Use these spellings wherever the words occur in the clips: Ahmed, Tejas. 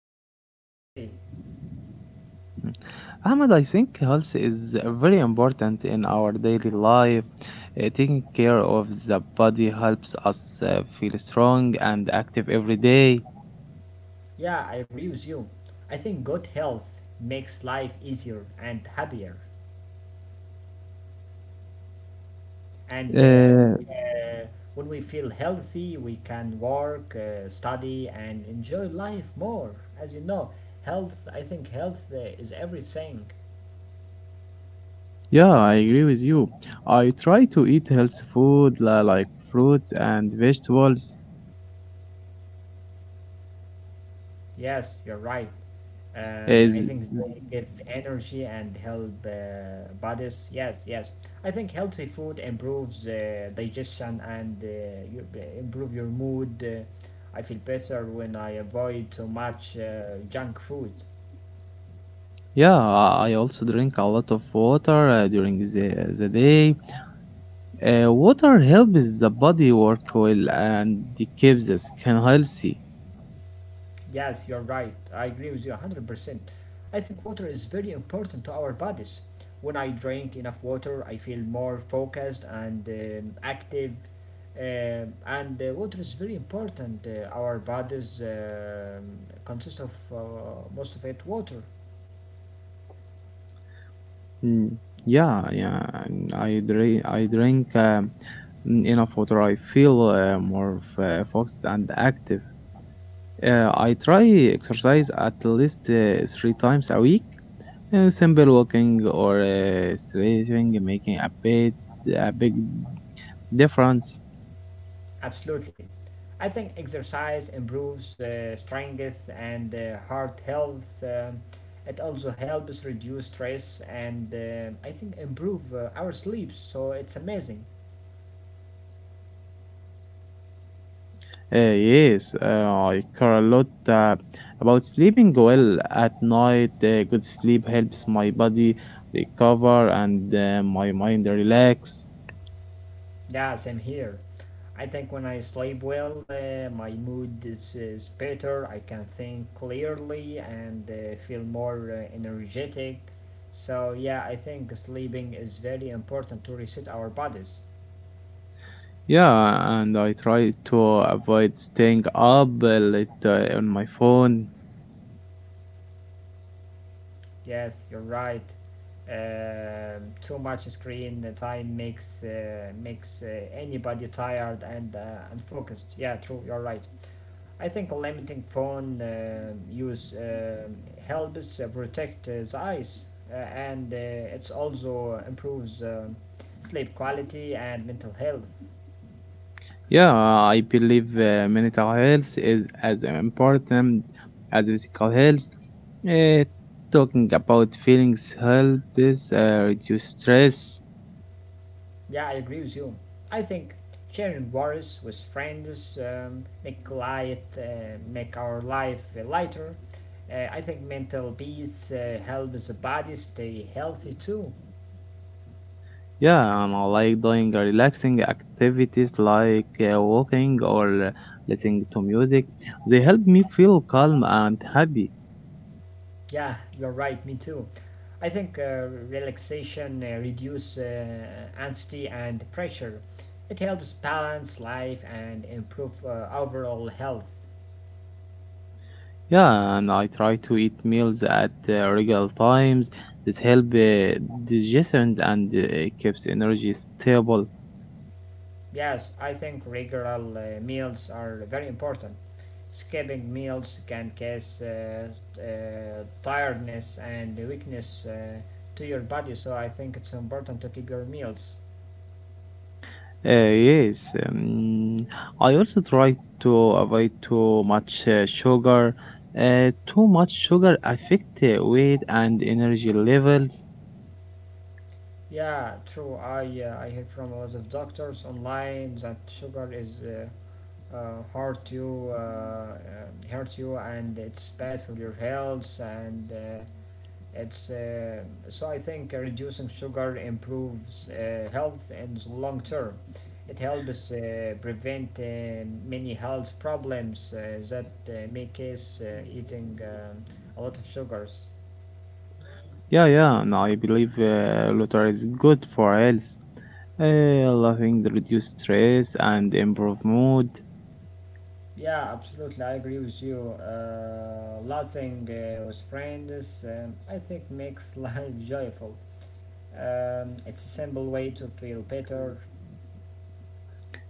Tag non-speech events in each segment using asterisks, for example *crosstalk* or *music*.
to talk to you today. Mm. Ahmed, I think health is very important in our daily life. Taking care of the body helps us feel strong and active every day. Yeah, I agree with you. I think good health makes life easier and happier. And I Uh, think when we feel healthy, we can work, study, and enjoy life more. As you know, I think health is everything. yeah, I agree with you. I try to eat healthy food like fruits and vegetables. Yes, you're right. I think Is they give energy and help bodies. Yes, yes. I think healthy food improves digestion and improve your mood. I feel better when I avoid too much junk food. Yeah, I also drink a lot of water during the day. Water helps the body work well and keeps the skin healthy. Yes, you're right. I agree with you 100%. I think water is very important to our bodies. When I drink enough water, I feel more focused and active. And water is very important. Our bodies consist of most of it water. Mm, yeah, yeah. And I drink enough water. I feel more focused and active. I try exercise at least three times a week. Simple walking or stretching making a big difference. Absolutely. I think exercise improves strength and heart health. It also helps reduce stress and I think improve our sleep. So it's amazing. Yes, I care a lot about sleeping well at night. Good sleep helps my body recover and my mind relax. Yeah, same here. I think when I sleep well, my mood is better. I can think clearly and feel more energetic. So yeah, I think sleeping is very important to reset our bodies. Yeah, and I try to avoid staying up late on my phone. Yes, you're right. Too much screen time makes anybody tired and unfocused. Yeah, true. You're right. I think limiting phone use helps protect the eyes, and it's also improves sleep quality and mental health. Yeah, I believe mental health is as important as physical health. Uh, Talking about feelings helps reduce stress. Yeah, I agree with you. I think sharing worries with friends make our life lighter. I think mental peace helps the body stay healthy too. Yeah, I'm like doing relaxing activities like walking or listening to music. They help me feel calm and happy. Yeah, you're right. Me too. I think relaxation reduce anxiety and pressure. It helps balance life and improve overall health. Yeah, and I try to eat meals at regular times. This helps digestion and keeps energy stable. Yes, I think regular meals are very important. Skipping meals can cause tiredness and weakness to your body, so I think it's important to keep your meals. Yes, um, I also try to avoid too much sugar. Too much sugar affect weight and energy levels. Yeah, true. I hear from a lot of doctors online that sugar is uh, hurt you, uh, uh, hurt you, and it's bad for your health and. It's so I think reducing sugar improves health in the long term. It helps prevent many health problems that may cause eating a lot of sugars. Yeah, yeah, and I believe Luther is good for health. Uh, Laughing reduce stress and improve mood. Yeah, absolutely, I agree with you. Laughing with friends, I think, makes *laughs* life joyful. It's a simple way to feel better.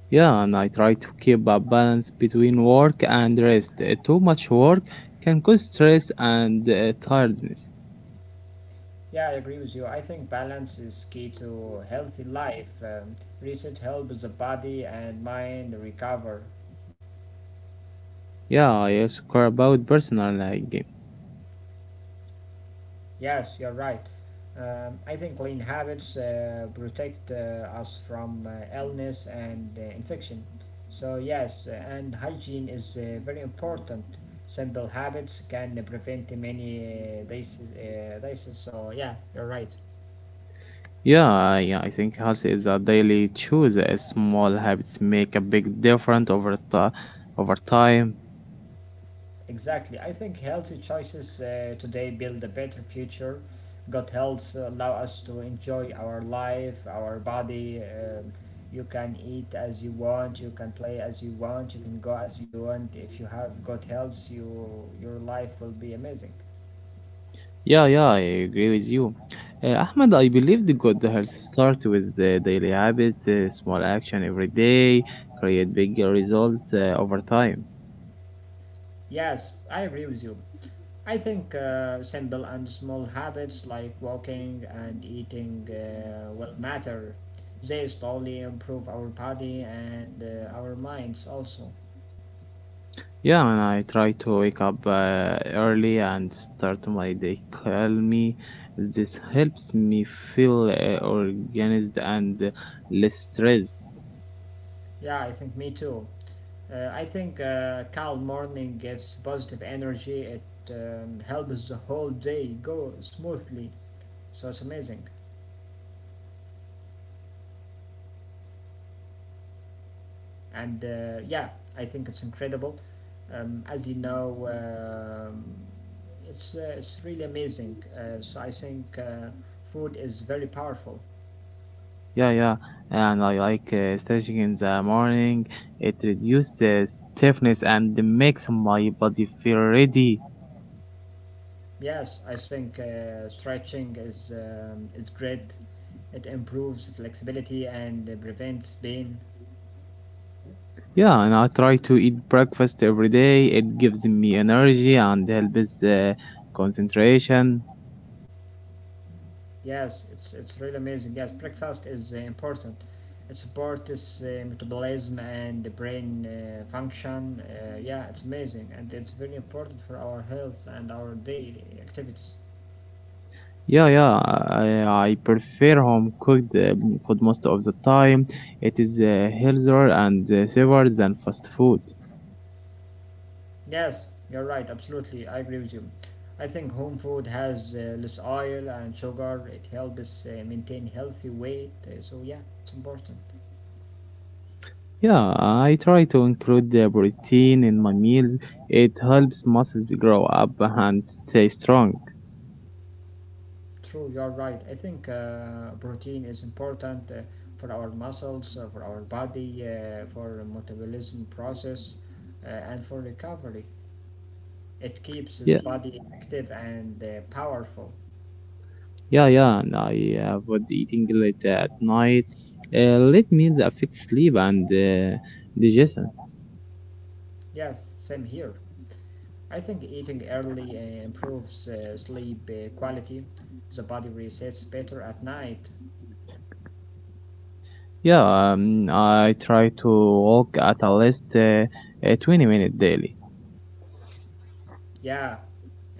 Yeah, and I try to keep a balance between work and rest. Too much work can cause stress and tiredness. Yeah, I agree with you. I think balance is key to healthy life. Reset helps the body and mind recover. Yeah, I also care about personal hygiene. Yes, you're right. I think clean habits protect us from illness and infection. So, yes, and hygiene is very important. Simple habits can prevent many diseases. Diseases. So, yeah, you're right. Yeah, yeah, I think health is a daily choice. Small habits make a big difference over time. Exactly. I think healthy choices today build a better future. Good health allow us to enjoy our life, our body. You can eat as you want, you can play as you want, you can go as you want. If you have good health, your life will be amazing. Yeah, yeah, I agree with you. Ahmed, I believe the good health start with the daily habit, small action every day, create big result over time. Yes, I agree with you. I think simple and small habits like walking and eating will matter. They slowly improve our body and our minds also. Yeah, and I try to wake up early and start my day calmly. This helps me feel organized and less stressed. Yeah, I think me too. I think calm morning gives positive energy. It helps the whole day go smoothly. So it's amazing. And yeah, I think it's incredible. As you know, it's really amazing. So I think food is very powerful. Yeah, yeah, and I like stretching in the morning. It reduces stiffness and makes my body feel ready. Yes, I think stretching is great. It improves flexibility and prevents pain. Yeah, and I try to eat breakfast every day. It gives me energy and helps concentration. Yes, it's really amazing. Yes, breakfast is important. It supports this metabolism and the brain function. Yeah, it's amazing and it's very important for our health and our daily activities. Yeah, yeah, I prefer home cooked food most of the time. It is healthier and safer than fast food. Yes, you're right. Absolutely, I agree with you. I think home food has less oil and sugar. It helps maintain healthy weight. So yeah, it's important. Yeah, I try to include the protein in my meals. It helps muscles grow up and stay strong. True, you're right. I think protein is important for our muscles, for our body, for metabolism process, and for recovery. It keeps the Yeah. body active and powerful. Yeah, yeah, and I avoid eating late at night. Late meals affect sleep and digestion. Yes, same here. I think eating early improves sleep quality. The body resets better at night. Yeah, I try to walk at a least 20 minutes daily. Yeah,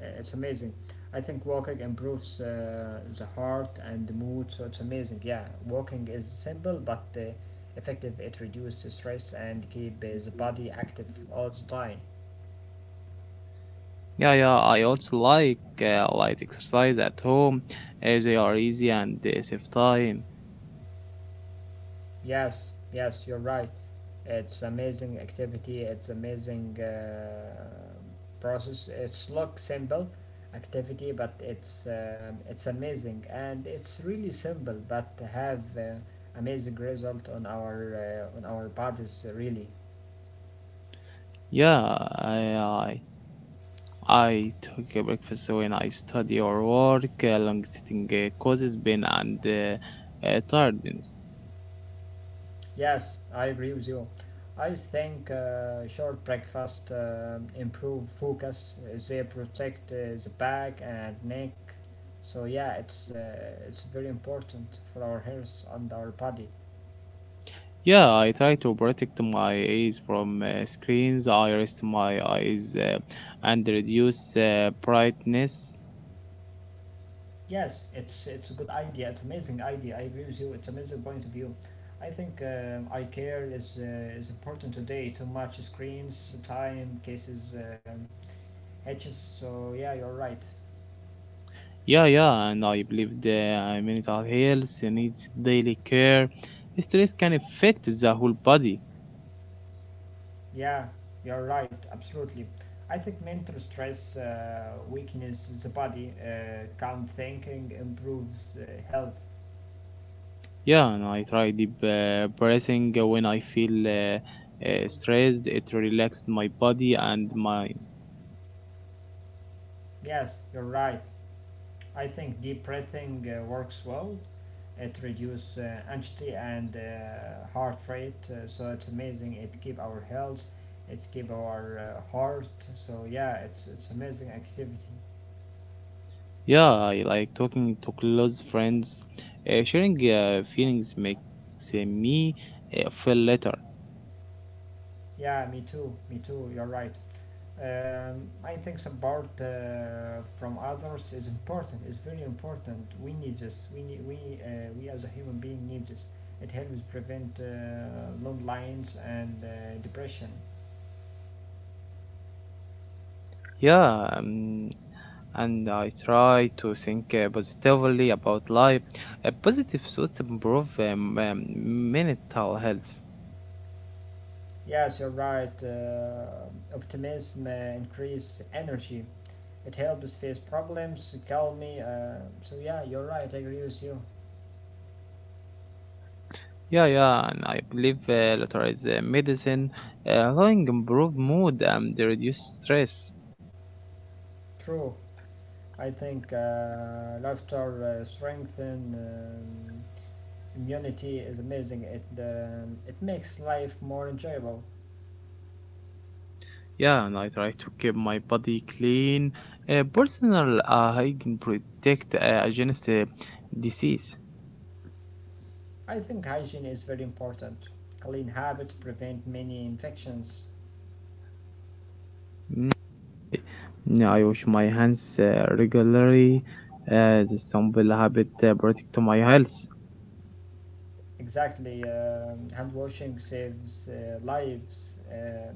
it's amazing. I think walking improves the heart and the mood, so it's amazing. Yeah, walking is simple but effective. It reduces stress and keep the body active all the time. Yeah, yeah. I also like light exercise at home, as they are easy and they save time. Yes, yes, you're right. It's amazing activity. It's amazing process. It's look simple activity, but it's amazing and it's really simple, but have amazing result on our bodies really. Yeah, I take a breakfast when I study or work. Long sitting causes pain and tiredness. Yes, I agree with you. I think short breakfast improve focus. They protect the back and neck. So yeah, it's very important for our health and our body. Yeah, I try to protect my eyes from screens. I rest my eyes and reduce brightness. Yes, it's a good idea. It's amazing idea. I agree with you. It's amazing point of view. I think eye care is important today. Too much screens, time, cases, edges. So yeah, you're right. Yeah, yeah, and I believe the mental health needs daily care. Stress can affect the whole body. Yeah, you're right, absolutely. I think mental stress weakens the body, calm thinking improves health. Yeah, and I try deep breathing when I feel stressed. It relaxes my body and mind. Yes, you're right. I think deep breathing works well. It reduces anxiety and heart rate, so it's amazing. It keep our health, it keep our heart. So yeah, it's amazing activity. Yeah, I like talking to close friends. Sharing feelings makes me feel better. Yeah, me too, me too. You're right. I think support from others is important. It's very important. We need this. We need, we as a human being need this. It helps prevent landlines and depression. Yeah, and I try to think positively about life. A positive thoughts improve mental health. Yes, you're right. Optimism increase energy. It helps face problems, calm me. So yeah, you're right. I agree with you. Yeah, yeah, and I believe later is medicine, allowing improve mood and reduce stress. True. I think laughter strengthen. Immunity is amazing. It makes life more enjoyable. Yeah, and I try to keep my body clean, personal hygiene protect against disease. I think hygiene is very important. Clean habits prevent many infections. Mm. Yeah, I wash my hands regularly. This simple habit protect my health. Exactly, hand washing saves lives.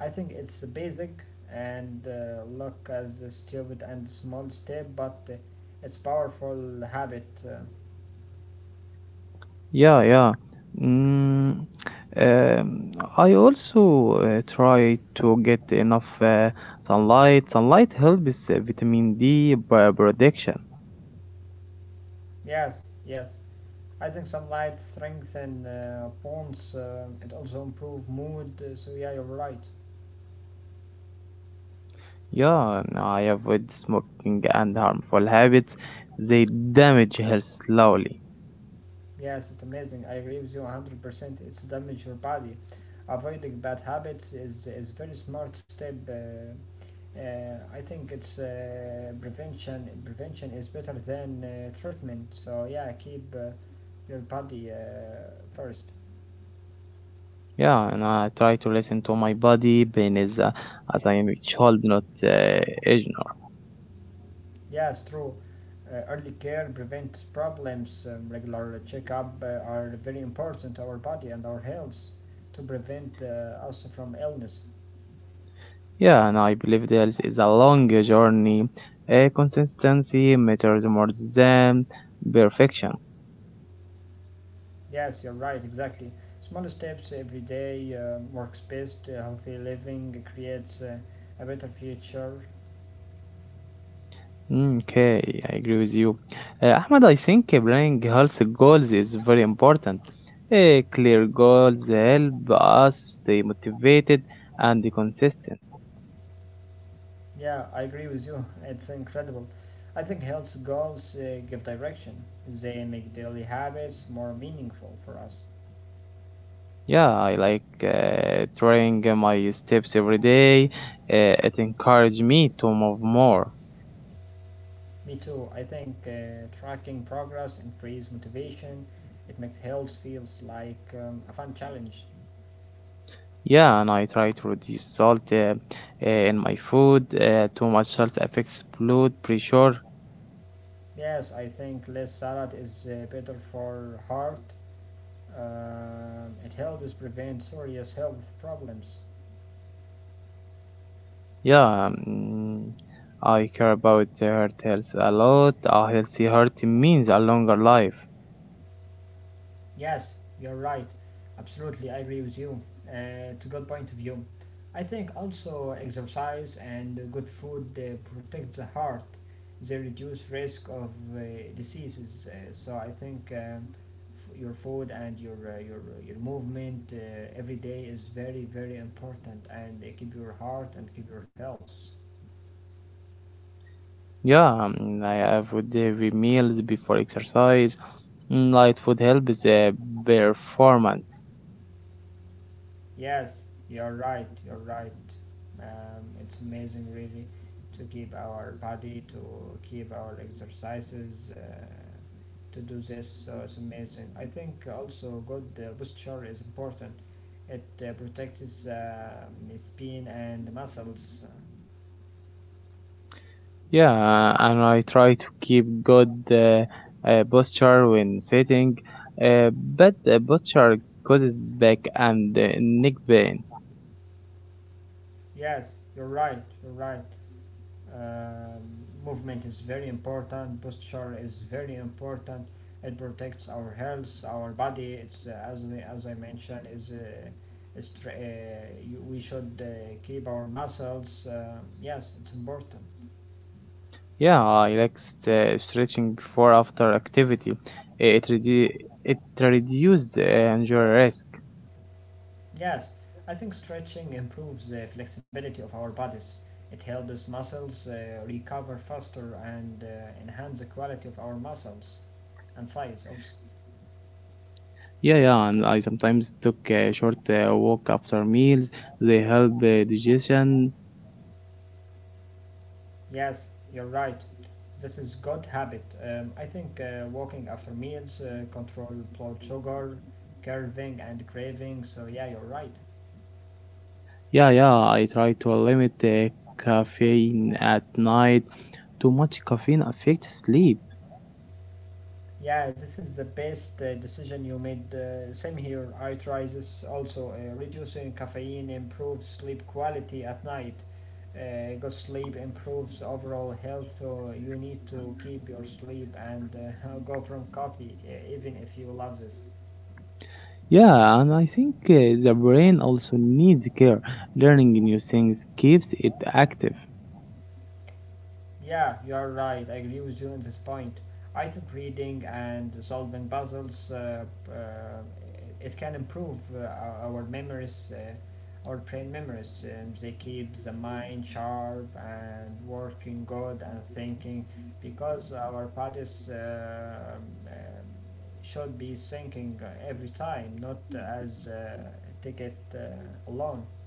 I think it's basic and look as a stupid and small step, but it's powerful habit. Yeah, yeah. Mm, um, I also try to get enough sunlight. Sunlight helps vitamin D by production. Yes, yes. I think some light strengthen bones. It also improve mood. So yeah, you're right. Yeah, I avoid smoking and harmful habits. They damage health slowly. Yes, it's amazing. I agree with you 100%. It's damage your body. Avoiding bad habits is very smart step. I think it's prevention. Prevention is better than treatment. So yeah, keep your body first. Yeah, and I try to listen to my body, pain is as I am a child, not age. Yes, true. Early care prevents problems. Regular checkup are very important to our body and our health to prevent us from illness. Yeah, and I believe this is a long journey. A consistency matters more than perfection. Yes, you're right, exactly. Small steps every day works best. Healthy living creates a better future. Mm. Okay, I agree with you. Ahmed, I think planning health goals is very important. Clear goals help us stay motivated and consistent. Yeah, I agree with you. *laughs* It's incredible. I think health goals give direction. They make daily habits more meaningful for us. Yeah, I like trying my steps every day. It encouraged me to move more. Me too. I think tracking progress increases motivation. It makes health feels like a fun challenge. Yeah, and I try to reduce salt in my food. Too much salt affects blood pressure. Yes, I think less salad is better for heart. It helps prevent serious health problems. Yeah, mm, I care about the heart health a lot. A healthy heart means a longer life. Yes, you're right. Absolutely, I agree with you. It's a good point of view. I think also exercise and good food protect the heart. They reduce risk of diseases. So I think your food and your movement every day is very very important and keep your heart and keep your health. Yeah, mm, I avoid heavy meals before exercise. Mm. Light food helps performance. Yes, you're right, you're right. It's amazing, really, to keep our body, to keep our exercises, to do this. So it's amazing. I think also good posture is important. It protects the spine and muscles. Yeah, and I try to keep good posture when sitting, but posture causes back and neck pain. Yes, you're right, you're right. Movement is very important. Posture is very important. It protects our health, our body. It's as I mentioned is. Is we should keep our muscles. Yes, it's important. Yeah, I like stretching before after activity. It redu- it reduces injury risk. Yes, I think stretching improves the flexibility of our bodies. It helps muscles recover faster and enhance the quality of our muscles and size also. Yeah, yeah, and I sometimes took a short walk after meals. They help digestion. Yes, you're right. This is good habit. I think walking after meals, control blood sugar, curving and craving. So yeah, you're right. Yeah, yeah, I try to limit caffeine at night. Too much caffeine affects sleep. Yeah, this is the best decision you made. Same here. I try this also. Reducing caffeine improves sleep quality at night. Good sleep improves overall health. So you need to keep your sleep and *laughs* go from coffee, even if you love this. Yeah, and I think the brain also needs care. Learning new things keeps it active. Yeah, you're right. I agree with you on this point. I think reading and solving puzzles uh, it can improve our memories, our brain memories. They keep the mind sharp and working good and thinking because our bodies um, should be thinking every time, not as ticket alone.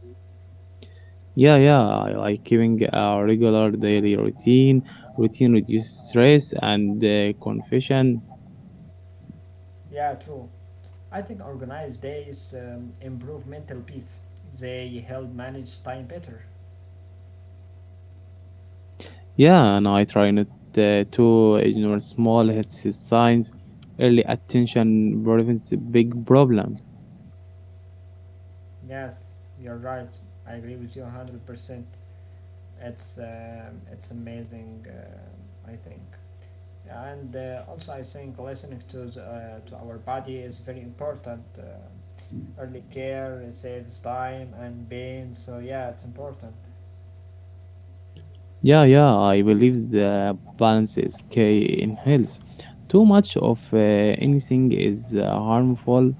Yeah, yeah, I like keeping a regular daily routine. Routine reduces stress and confusion. Yeah, true. I think organized days improve mental peace. They help manage time better. Yeah, and I try not to ignore small health signs. Early attention prevents a big problem. Yes, you're right. I agree with you 100%. It's amazing. I think, and also I think listening to to our body is very important. Early care saves time and pain. So yeah, it's important. Yeah, yeah, I believe the balance is key in health. Too much of anything is harmful.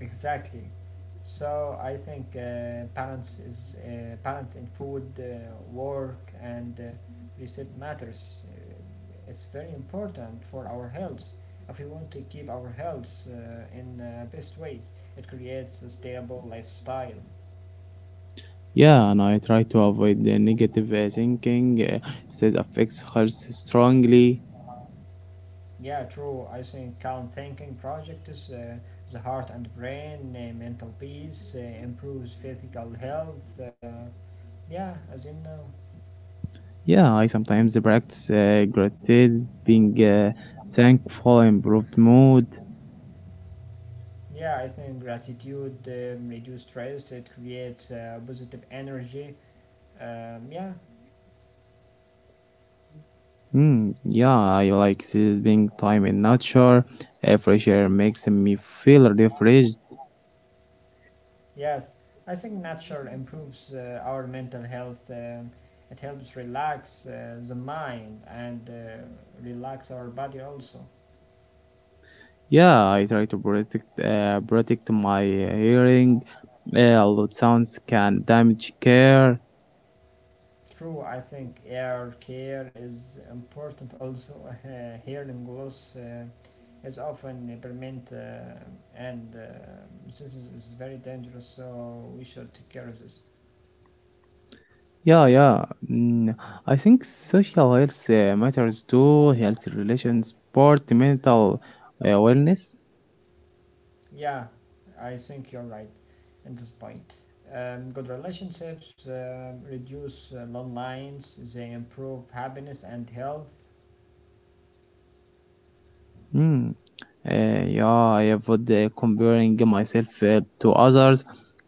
Exactly. So I think balance in food, work, and reset matters. It's very important for our health. If we want to keep our health in best ways, it creates a stable lifestyle. Yeah, and I try to avoid the negative thinking. It affects health strongly. Yeah, true. I think calm thinking project is the heart and brain, mental peace, improves physical health. Yeah, as you know. Yeah, I sometimes practice gratitude, being thankful, improved mood. Yeah, I think gratitude reduces stress. It creates positive energy. Yeah, Mm, yeah, I like spending time in nature. Fresh air makes me feel refreshed. yes. I think nature improves our mental health. It helps relax the mind and relax our body also. Yeah, I try to protect protect my hearing. Loud sounds can damage care. True, I think air care is important also. *laughs* Hearing loss is often permanent, and is very dangerous. So we should take care of this. Yeah, yeah. Mm, I think social health matters too. Health relations, sport, mental wellness. Yeah, I think you're right at this point. Good relationships reduce long lines, they improve happiness and health. Mm. Yeah, I avoid comparing myself to others.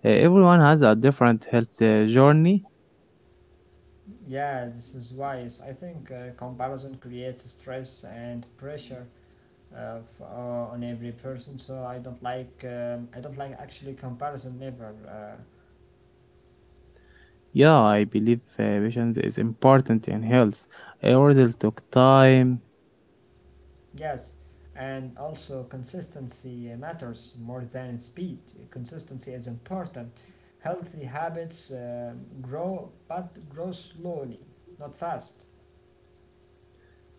Everyone has a different health journey. Yeah, this is wise. I think comparison creates stress and pressure on every person. So I don't like. I don't like actually comparison. Never. Yeah, I believe patience is important in health. I ordered took time. Yes, and also consistency matters more than speed. Consistency is important. Healthy habits grow, but grow slowly, not fast.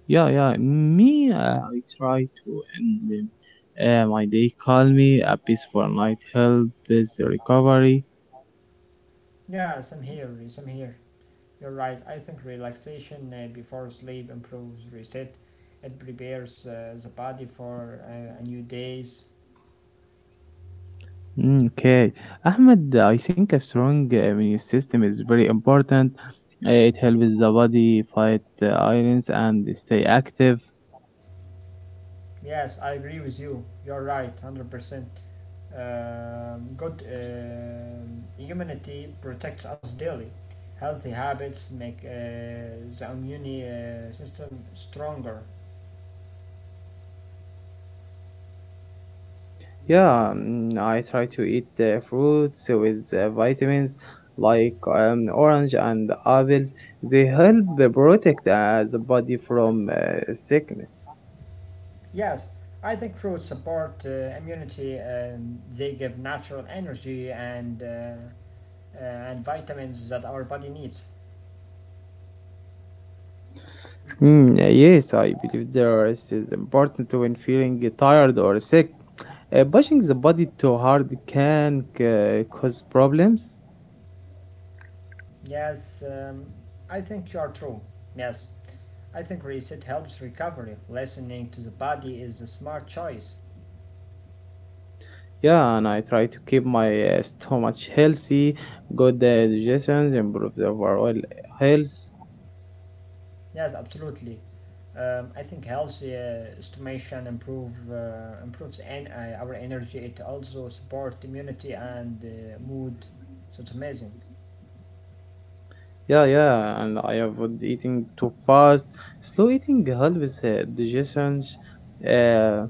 Yeah, yeah. Me, I try to end my day calmly. A peaceful night helps recovery. Yeah, same here, same here. You're right. I think relaxation before sleep improves reset. It prepares the body for a new days. Mm. Okay, Ahmed, I think a strong immune system is very important. It helps the body fight illness and stay active. Yes, I agree with you. You're right, 100%. Good immunity protects us daily. Healthy habits make the immune system stronger. Yeah, mm, I try to eat fruits with vitamins like orange and apples. They help the protect the body from sickness. Yes, I think fruits support immunity. They give natural energy and vitamins that our body needs. Yes, I believe the rest is important when feeling tired or sick. Pushing the body too hard can cause problems. Yes, I think you are true. Yes, I think reset helps recovery. Listening to the body is a smart choice. Yeah, and I try to keep my stomach healthy, good digestion, improve the overall health. Yes, absolutely. I think healthy estimation improve improves our energy. It also supports immunity and mood. So it's amazing. Yeah, yeah, and I avoid eating too fast. Slow eating helps digestions. Uh,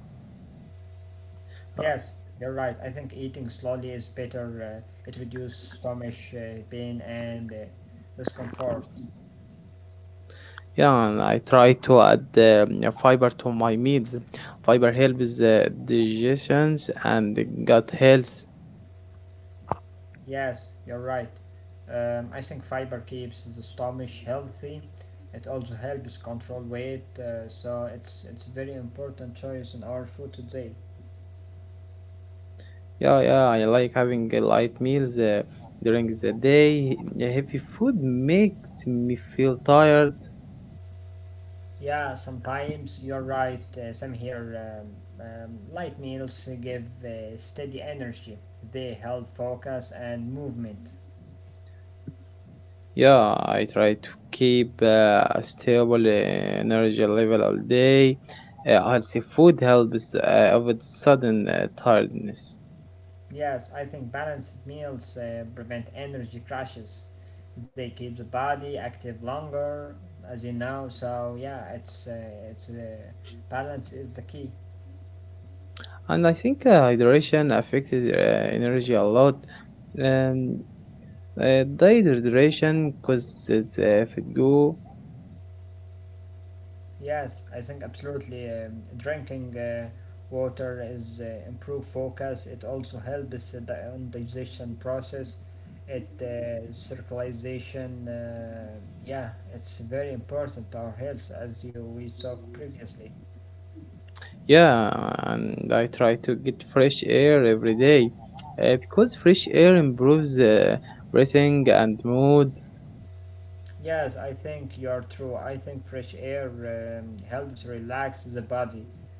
Yes, you're right. I think eating slowly is better. It reduces stomach pain and discomfort. yeah, and I try to add yeah, fiber to my meals. Fiber helps digestions and gut health. Yes, you're right. I think fiber keeps the stomach healthy. It also helps control weight. So it's a very important choice in our food today. Yeah, yeah, I like having light meals during the day. Heavy food makes me feel tired. Yeah, sometimes you're right, Sam here. Light meals give steady energy, they help focus and movement. Yeah, I try to keep a stable energy level all day. Healthy food helps avoid sudden tiredness. Yes, I think balanced meals prevent energy crashes. They keep the body active longer, as you know. So yeah, it's balance is the key. And I think hydration affects energy a lot. Um, Dehydration causes fatigue. Yes, I think absolutely. Drinking water is improve focus. It also helps the on digestion process. It circulation. Yeah, it's very important to our health as you, we talked previously. Yeah, and I try to get fresh air every day because fresh air improves breathing and mood. Yes, I think you're true. I think fresh air helps relax the body.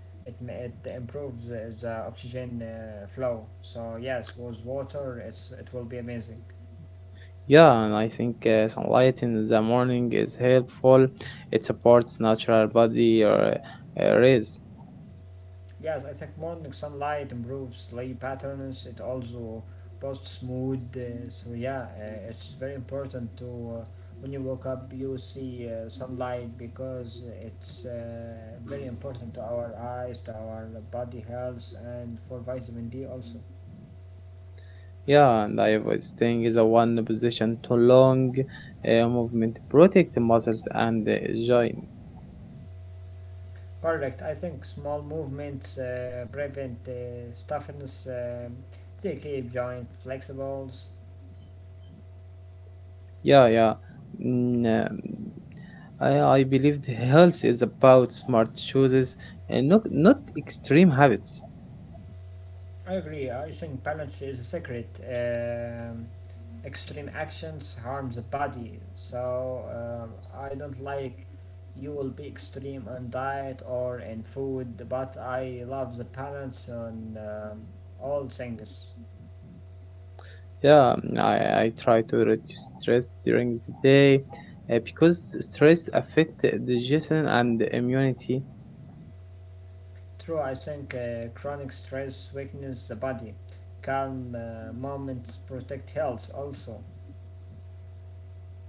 It improves the oxygen flow. So yes, with water, it will be amazing. Yeah, and I think sunlight in the morning is helpful. It supports natural body or rays. Yes, I think morning sunlight improves sleep patterns. It also boosts mood. So yeah, it's very important to when you wake up, you see sunlight because it's very important to our eyes, to our body health, and for vitamin D also. Yeah, and I was staying in the one position too long. Movement protect the muscles and the joint. Correct. I think small movements prevent stiffness. They keep joint flexibles. Yeah, yeah. Mm, um, I believe the health is about smart choices and not extreme habits. I agree. I think balance is a secret. Extreme actions harm the body, so I don't like you will be extreme on diet or in food, but I love the balance on all things. Yeah, I try to reduce stress during the day because stress affects digestion and immunity. True, I think chronic stress weakens the body. Calm moments protect health also.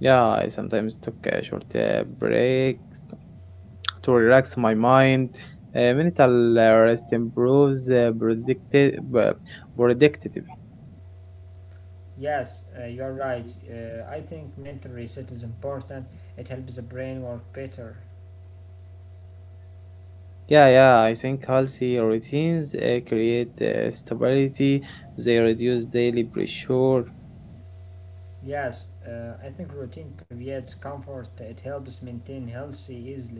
Yeah, I sometimes took a short break to relax my mind. Mental rest improves predictive. Yes, you're right. I think mental reset is important. It helps the brain work better. Yeah, yeah, I think healthy routines create stability. They reduce daily pressure. Yes, I think routine creates comfort, it helps maintain healthy easily.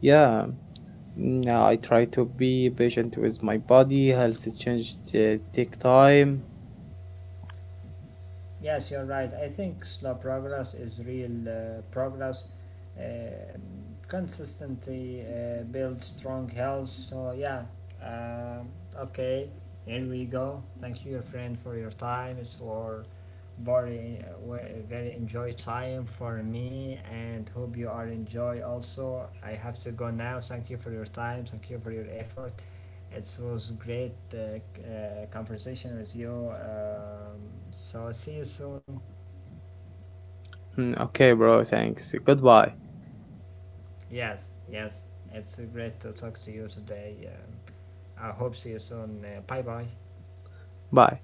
Yeah. Mm, I try to be patient with my body. Health change take time. Yes, you're right. I think slow progress is real progress. Uh, Consistency builds strong health. So, yeah, um, okay, here we go. Thank you, your friend, for your time. It's for very, very enjoy time for me and hope you are enjoy also. I have to go now. Thank you for your time. Thank you for your effort. It was great conversation with you. So see you soon. Mm. Okay, bro. Thanks. Goodbye. Yes, yes. It's great to talk to you today. I hope see you soon. Bye bye. Bye.